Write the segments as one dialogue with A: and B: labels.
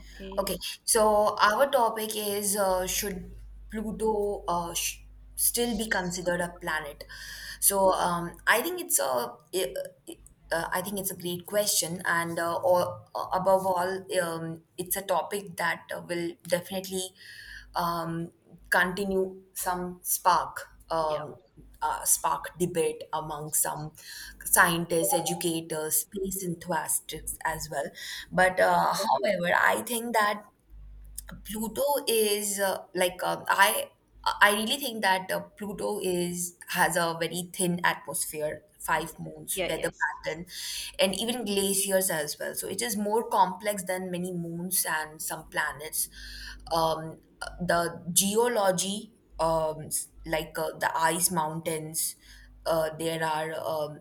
A: Okay.
B: Okay, so our topic is should Pluto sh still be
A: S-
B: considered a planet? I think it's i- I think it's a great question, and above all, it's a topic that will definitely um, continue some spark
A: Yeah.
B: um, spark debate among some scientists, educators, space enthusiasts as well. But
A: Yes.
B: However, I think that Pluto is I really think that Pluto is has a very thin atmosphere, five moons,
A: Yeah. Yeah.
B: weather
A: Yes.
B: pattern, and even glaciers as well. So it is more complex than many moons and some planets. Um, the geology, the ice mountains, there are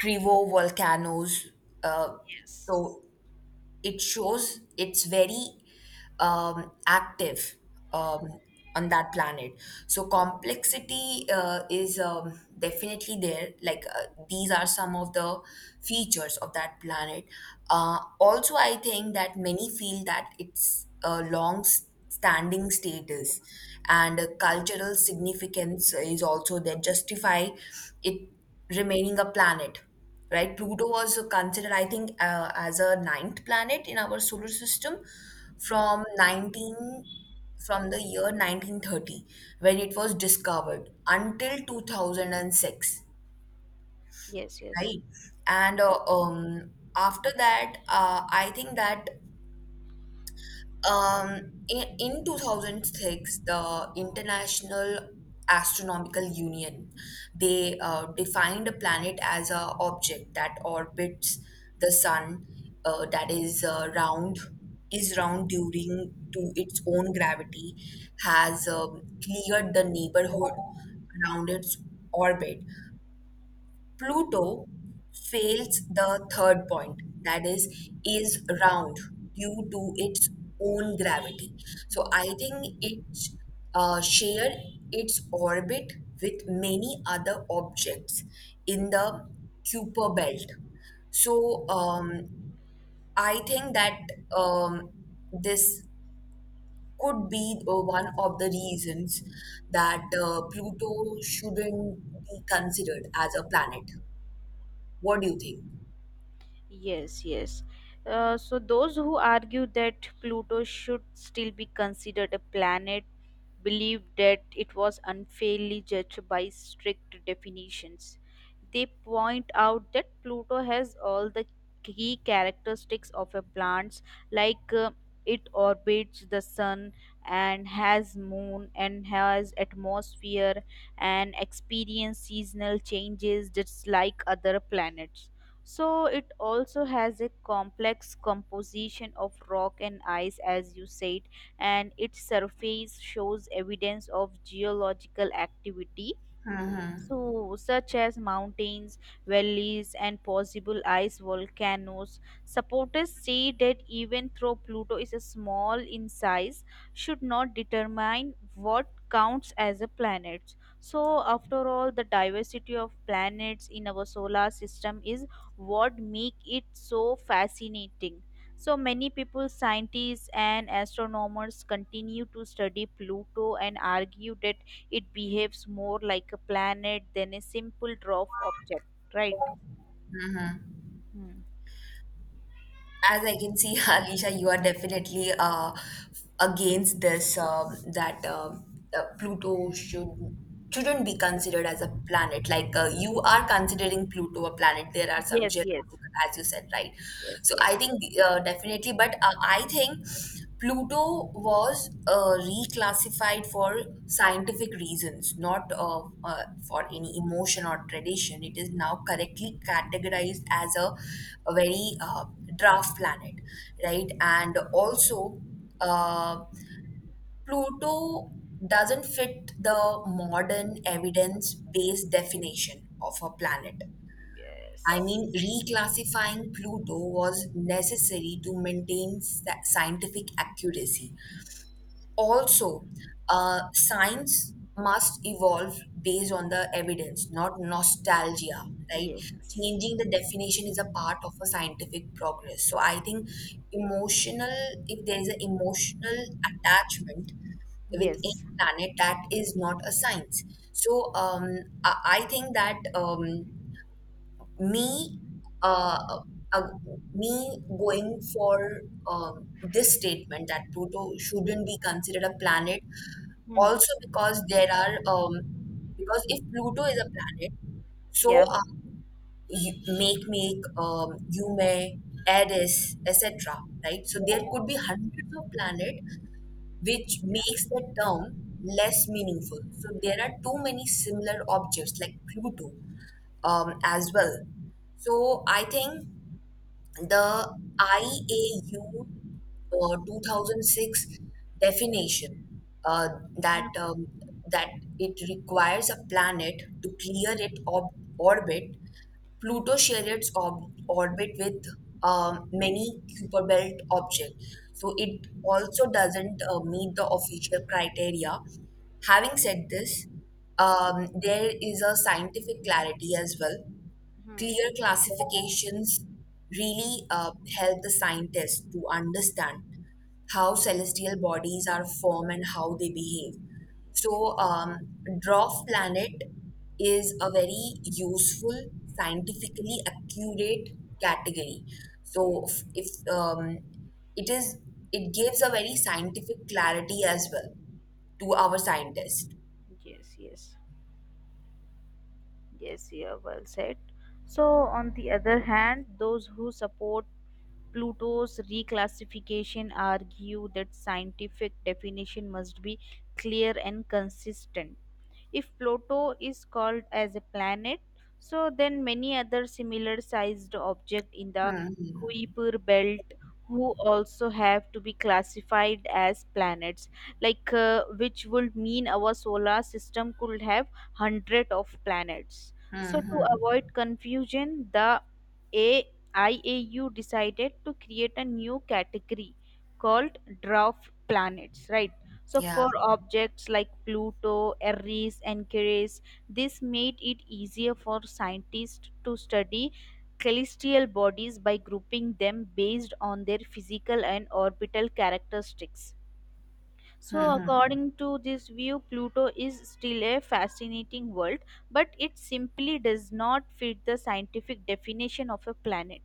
B: Krivo volcanoes. Uh,
A: Yes.
B: so it shows it's very active um, on that planet. So complexity is definitely there. These are some of the features of that planet. Also, I think that many feel that it's a long standing status and a cultural significance is also there justify it remaining a planet, right? Pluto was considered, I think, as a ninth planet in our solar system
A: Mhm.
B: from 19 from the year 1930 when it was discovered until 2006,
A: Yes. Yes.
B: right? And after that, I think that Um, in, in 2006, the International Astronomical Union, they defined a planet as a object that orbits the sun, that is round, is round during to its own gravity, has cleared the neighborhood around its orbit. Pluto fails the third point, that is round due to its own gravity. So I think it shared its orbit with many other objects in the Kuiper belt. So um, I think that um, this could be one of the reasons that Pluto shouldn't be considered as a planet. What do you think?
A: Yes, yes. So those who argue that Pluto should still be considered a planet believe that it was unfairly judged by strict definitions. They point out that Pluto has all the key characteristics of a planet, like it orbits the sun and has moon and has atmosphere and experience seasonal changes just like other planets, so it also has a complex composition of rock and ice, as you said, and its surface shows evidence of geological activity, so, such as mountains, valleys, and possible ice volcanoes. Supporters say that even though Pluto is a small in size, should not determine what counts as a planet. So, after all, the diversity of planets in our solar system is what make it so fascinating. So many people, scientists and astronomers continue to study Pluto and argue that it behaves more like a planet than a simple drop object, right? Hmm.
B: As I can see, Alisha, you are definitely against this that Pluto shouldn't be considered as a planet. You are considering Pluto a planet. There are some
A: Yes, yes,
B: geological, as you said, right?
A: yes,
B: So
A: yes,
B: I think definitely, but I think. Pluto was reclassified for scientific reasons, not for any emotion or tradition. It is now correctly categorized as a very draft planet, right? And also, uh, Pluto doesn't fit the modern evidence based definition of a planet. I
A: yes,
B: mean, reclassifying Pluto was necessary to maintain scientific accuracy. Also science must evolve based on the evidence, not nostalgia, right?
A: yes,
B: Changing the definition is a part of a scientific progress, so I think emotional, if there is an emotional attachment with any
A: yes.
B: planet, that is not a science. I think that me uh, uh, me going for um, this statement that Pluto shouldn't be considered a planet,
A: Hmm.
B: also because there are because if Pluto is a planet, so
A: Yeah.
B: are you, make make Yume, Eris, etc., right? So there could be hundreds of planet, which makes the term less meaningful. So there are too many similar objects like Pluto as well. So I think the IAU 2006 definition, uh, that
A: Hmm.
B: um, that it requires a planet to clear its orbit. Pluto shares its orbit with many Kuiper Belt objects, so it also doesn't meet the official criteria. Having said this, there is a scientific clarity as well. Clear classifications really help the scientists to understand how celestial bodies are formed and how they behave. So, dwarf planet is a very useful, scientifically accurate category. So, if um, it is, it gives a very scientific clarity as well to our scientists.
A: Yes, yes, yes, yeah. Well said. So, on the other hand, those who support Pluto's reclassification argue that scientific definition must be clear and consistent. If Pluto is called as a planet, so then many other similar sized objects in the
B: Hmm.
A: Kuiper belt who also have to be classified as planets, like which would mean our solar system could have hundred of planets,
B: Hmm.
A: so to
B: Hmm.
A: avoid confusion, the A- IAU decided to create a new category called dwarf planets, right? So,
B: Yeah.
A: for objects like Pluto, Eris, and Ceres, this made it easier for scientists to study celestial bodies by grouping them based on their physical and orbital characteristics. So, according to this view, Pluto is still a fascinating world, but it simply does not fit the scientific definition of a planet.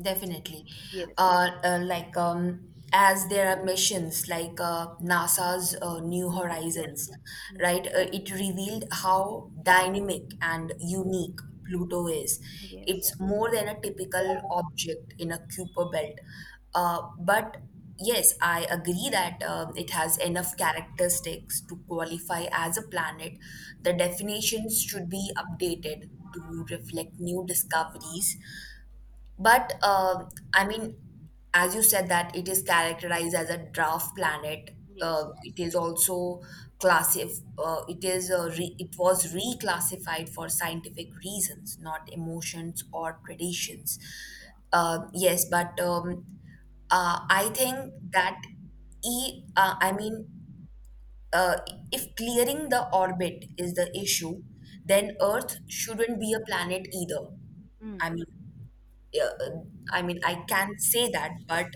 B: Definitely.
A: Yes.
B: Uh, uh, like um, as there are missions like NASA's New
A: Yeah.
B: Horizons,
A: Mm.
B: right? It revealed how dynamic and unique Pluto is.
A: Yes.
B: It's more than a typical object in a Kuiper belt. But yes, I agree that it has enough characteristics to qualify as a planet. The definitions should be updated to reflect new discoveries, but I mean, as you said, that it is characterized as a draft planet.
A: Yes.
B: It is also classif. It is re- It was reclassified for scientific reasons, not emotions or traditions. Yes, but I think that e I mean, uh, if clearing the orbit is the issue, then Earth shouldn't be a planet either.
A: Mm.
B: I mean, yeah, I mean, I can say that,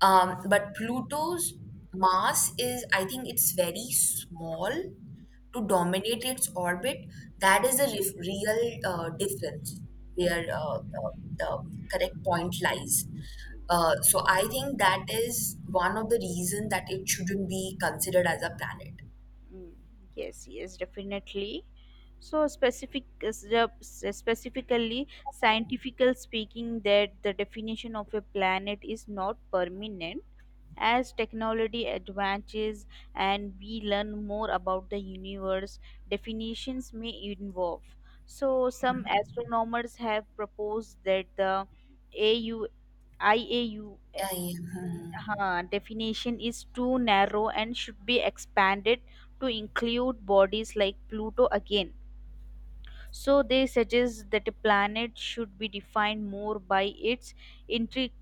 B: but Pluto's mass is, I think, it's very small to dominate its orbit. That is the real difference where
A: Mm.
B: the correct point lies. So I think that is one of the reasons that it shouldn't be considered as a planet.
A: Mm, yes, yes, definitely. So specifically scientifically speaking, that the definition of a planet is not permanent. As technology advances and we learn more about the universe, definitions may evolve. So some astronomers have proposed that the AU
B: Yeah, yeah. Mhm.
A: definition is too narrow and should be expanded to include bodies like Pluto again. So they suggest that a planet should be defined more by its intrinsic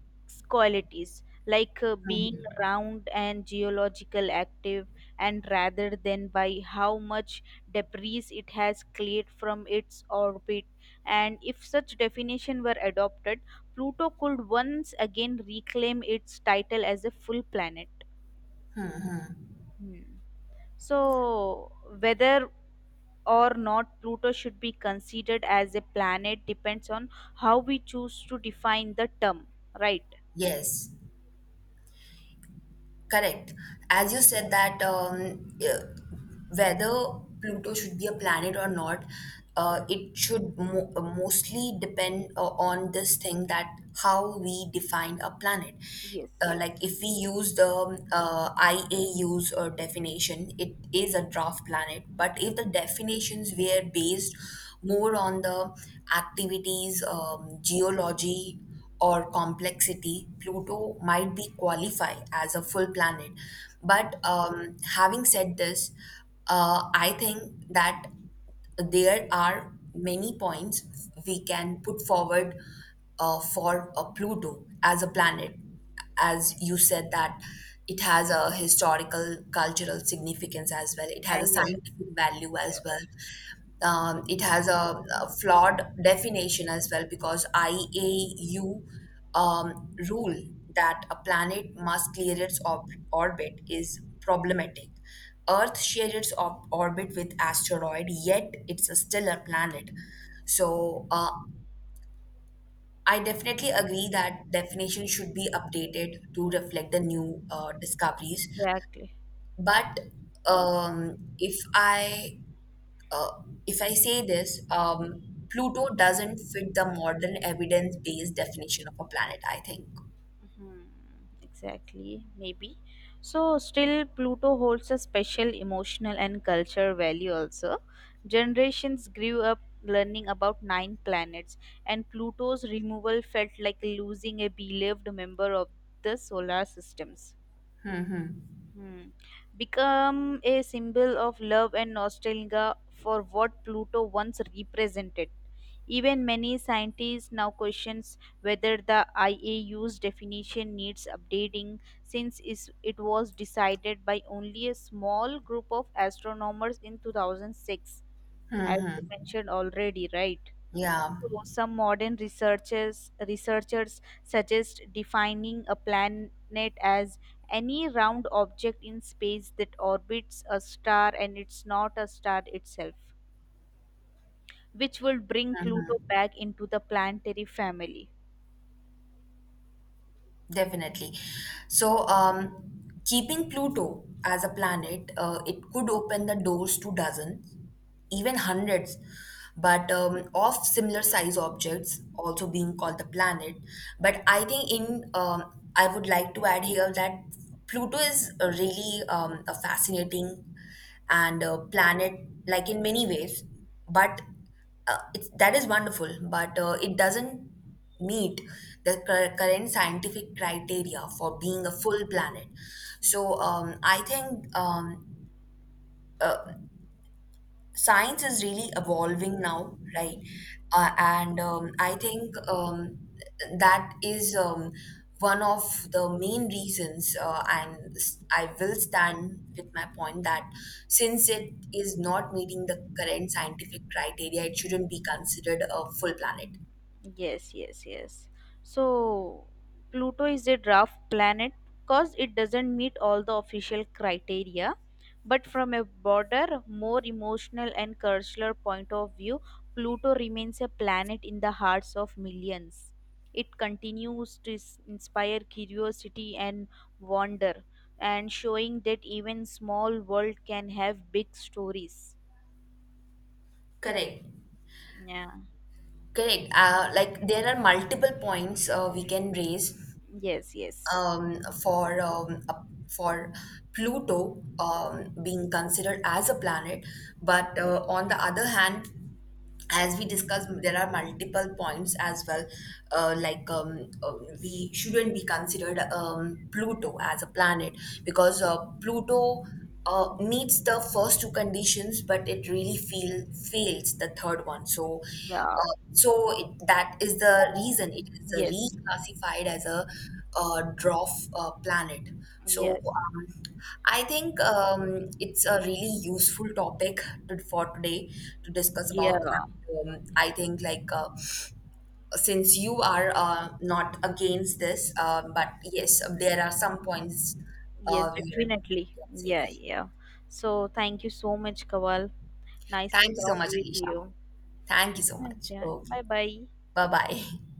A: qualities, like being round and geological active, and rather than by how much debris it has cleared from its orbit. And if such definition were adopted, Pluto could once again reclaim its title as a full planet. Hmm. So, whether or not Pluto should be considered as a planet depends on how we choose to define the term, right?
B: Yes. Correct. As you
A: Mhm.
B: said that whether Pluto should be a planet or not, it should mostly depend on this thing that how we define a planet.
A: Yes.
B: Like if we use the IAU's or definition, it is a draft planet. But if the definitions were based more on the activities, geology, or complexity, Pluto might be qualified as a full planet. But having said this, I think that there are many points we can put forward for Pluto as a planet, as you said, that it has a historical cultural significance as well, it has
A: Uh,
B: a
A: yeah,
B: scientific value
A: yeah,
B: as well, it has a flawed definition as well, because IAU um, rule that a planet must clear its orbit is problematic. Earth shares its orbit with asteroid, yet it's a still a planet. So I definitely agree that definition should be updated to reflect the new discoveries.
A: exactly.
B: But um, if I uh, if I say this, Pluto doesn't fit the modern evidence-based definition of a planet, I think.
A: Mhm. Exactly, maybe. So, still, Pluto holds a special emotional and cultural value also. Generations grew up learning about nine planets, and Pluto's removal felt like losing a beloved member of the solar systems. Hmm. Become a symbol of love and nostalgia for what Pluto once represented. Even many scientists now questions whether the IAU's definition needs updating, since it was decided by only a small group of astronomers in 2006, as you mentioned already, right?
B: Yeah,
A: So some modern researchers suggest defining a planet as any round object in space that orbits a star and it's not a star itself, which will bring Pluto back into the planetary family.
B: definitely. So, keeping Pluto as a planet, it could open the doors to dozens, even hundreds, but of similar size objects, also being called the planet. But I think in I would like to add here that Pluto is a really a fascinating and a planet, like in many ways. But it's that is wonderful, but it doesn't meet the current scientific criteria for being a full planet. So I think uh, science is really evolving now, right? And I think that is one of the main reasons, and I will stand with my point that since it is not meeting the current scientific criteria, it shouldn't be considered a full planet.
A: Yes, yes, yes. So Pluto is a draft planet because it doesn't meet all the official criteria. But from a broader, more emotional and cultural point of view, Pluto remains a planet in the hearts of millions. It continues to inspire curiosity and wonder, and showing that even small world can have big stories.
B: Correct.
A: Yeah.
B: Correct. Like there are multiple points we can raise
A: Yes, yes.
B: um, for um, a- for Pluto being considered as a planet. But on the other hand, as we discussed, there are multiple points as well. Uh, like um, uh, we shouldn't be considered Pluto as a planet because Pluto meets the first two conditions, but it really feel fails the third one. So,
A: Yeah.
B: so it, that is the reason it is
A: Yes.
B: reclassified as a dwarf planet. So
A: Yes.
B: I think it's a really useful topic to, for today to discuss about.
A: Yeah.
B: And, I think since you are not against this, but yes, there are some points
A: Yes,
B: where,
A: definitely.
B: let's say.
A: Yeah, yeah. So thank you so much, Kawal. Nice
B: Thank
A: to
B: you so
A: talk
B: much,
A: with
B: Alicia.
A: you.
B: Thank you so much.
A: Okay.
B: Okay,
A: Bye bye.
B: bye bye.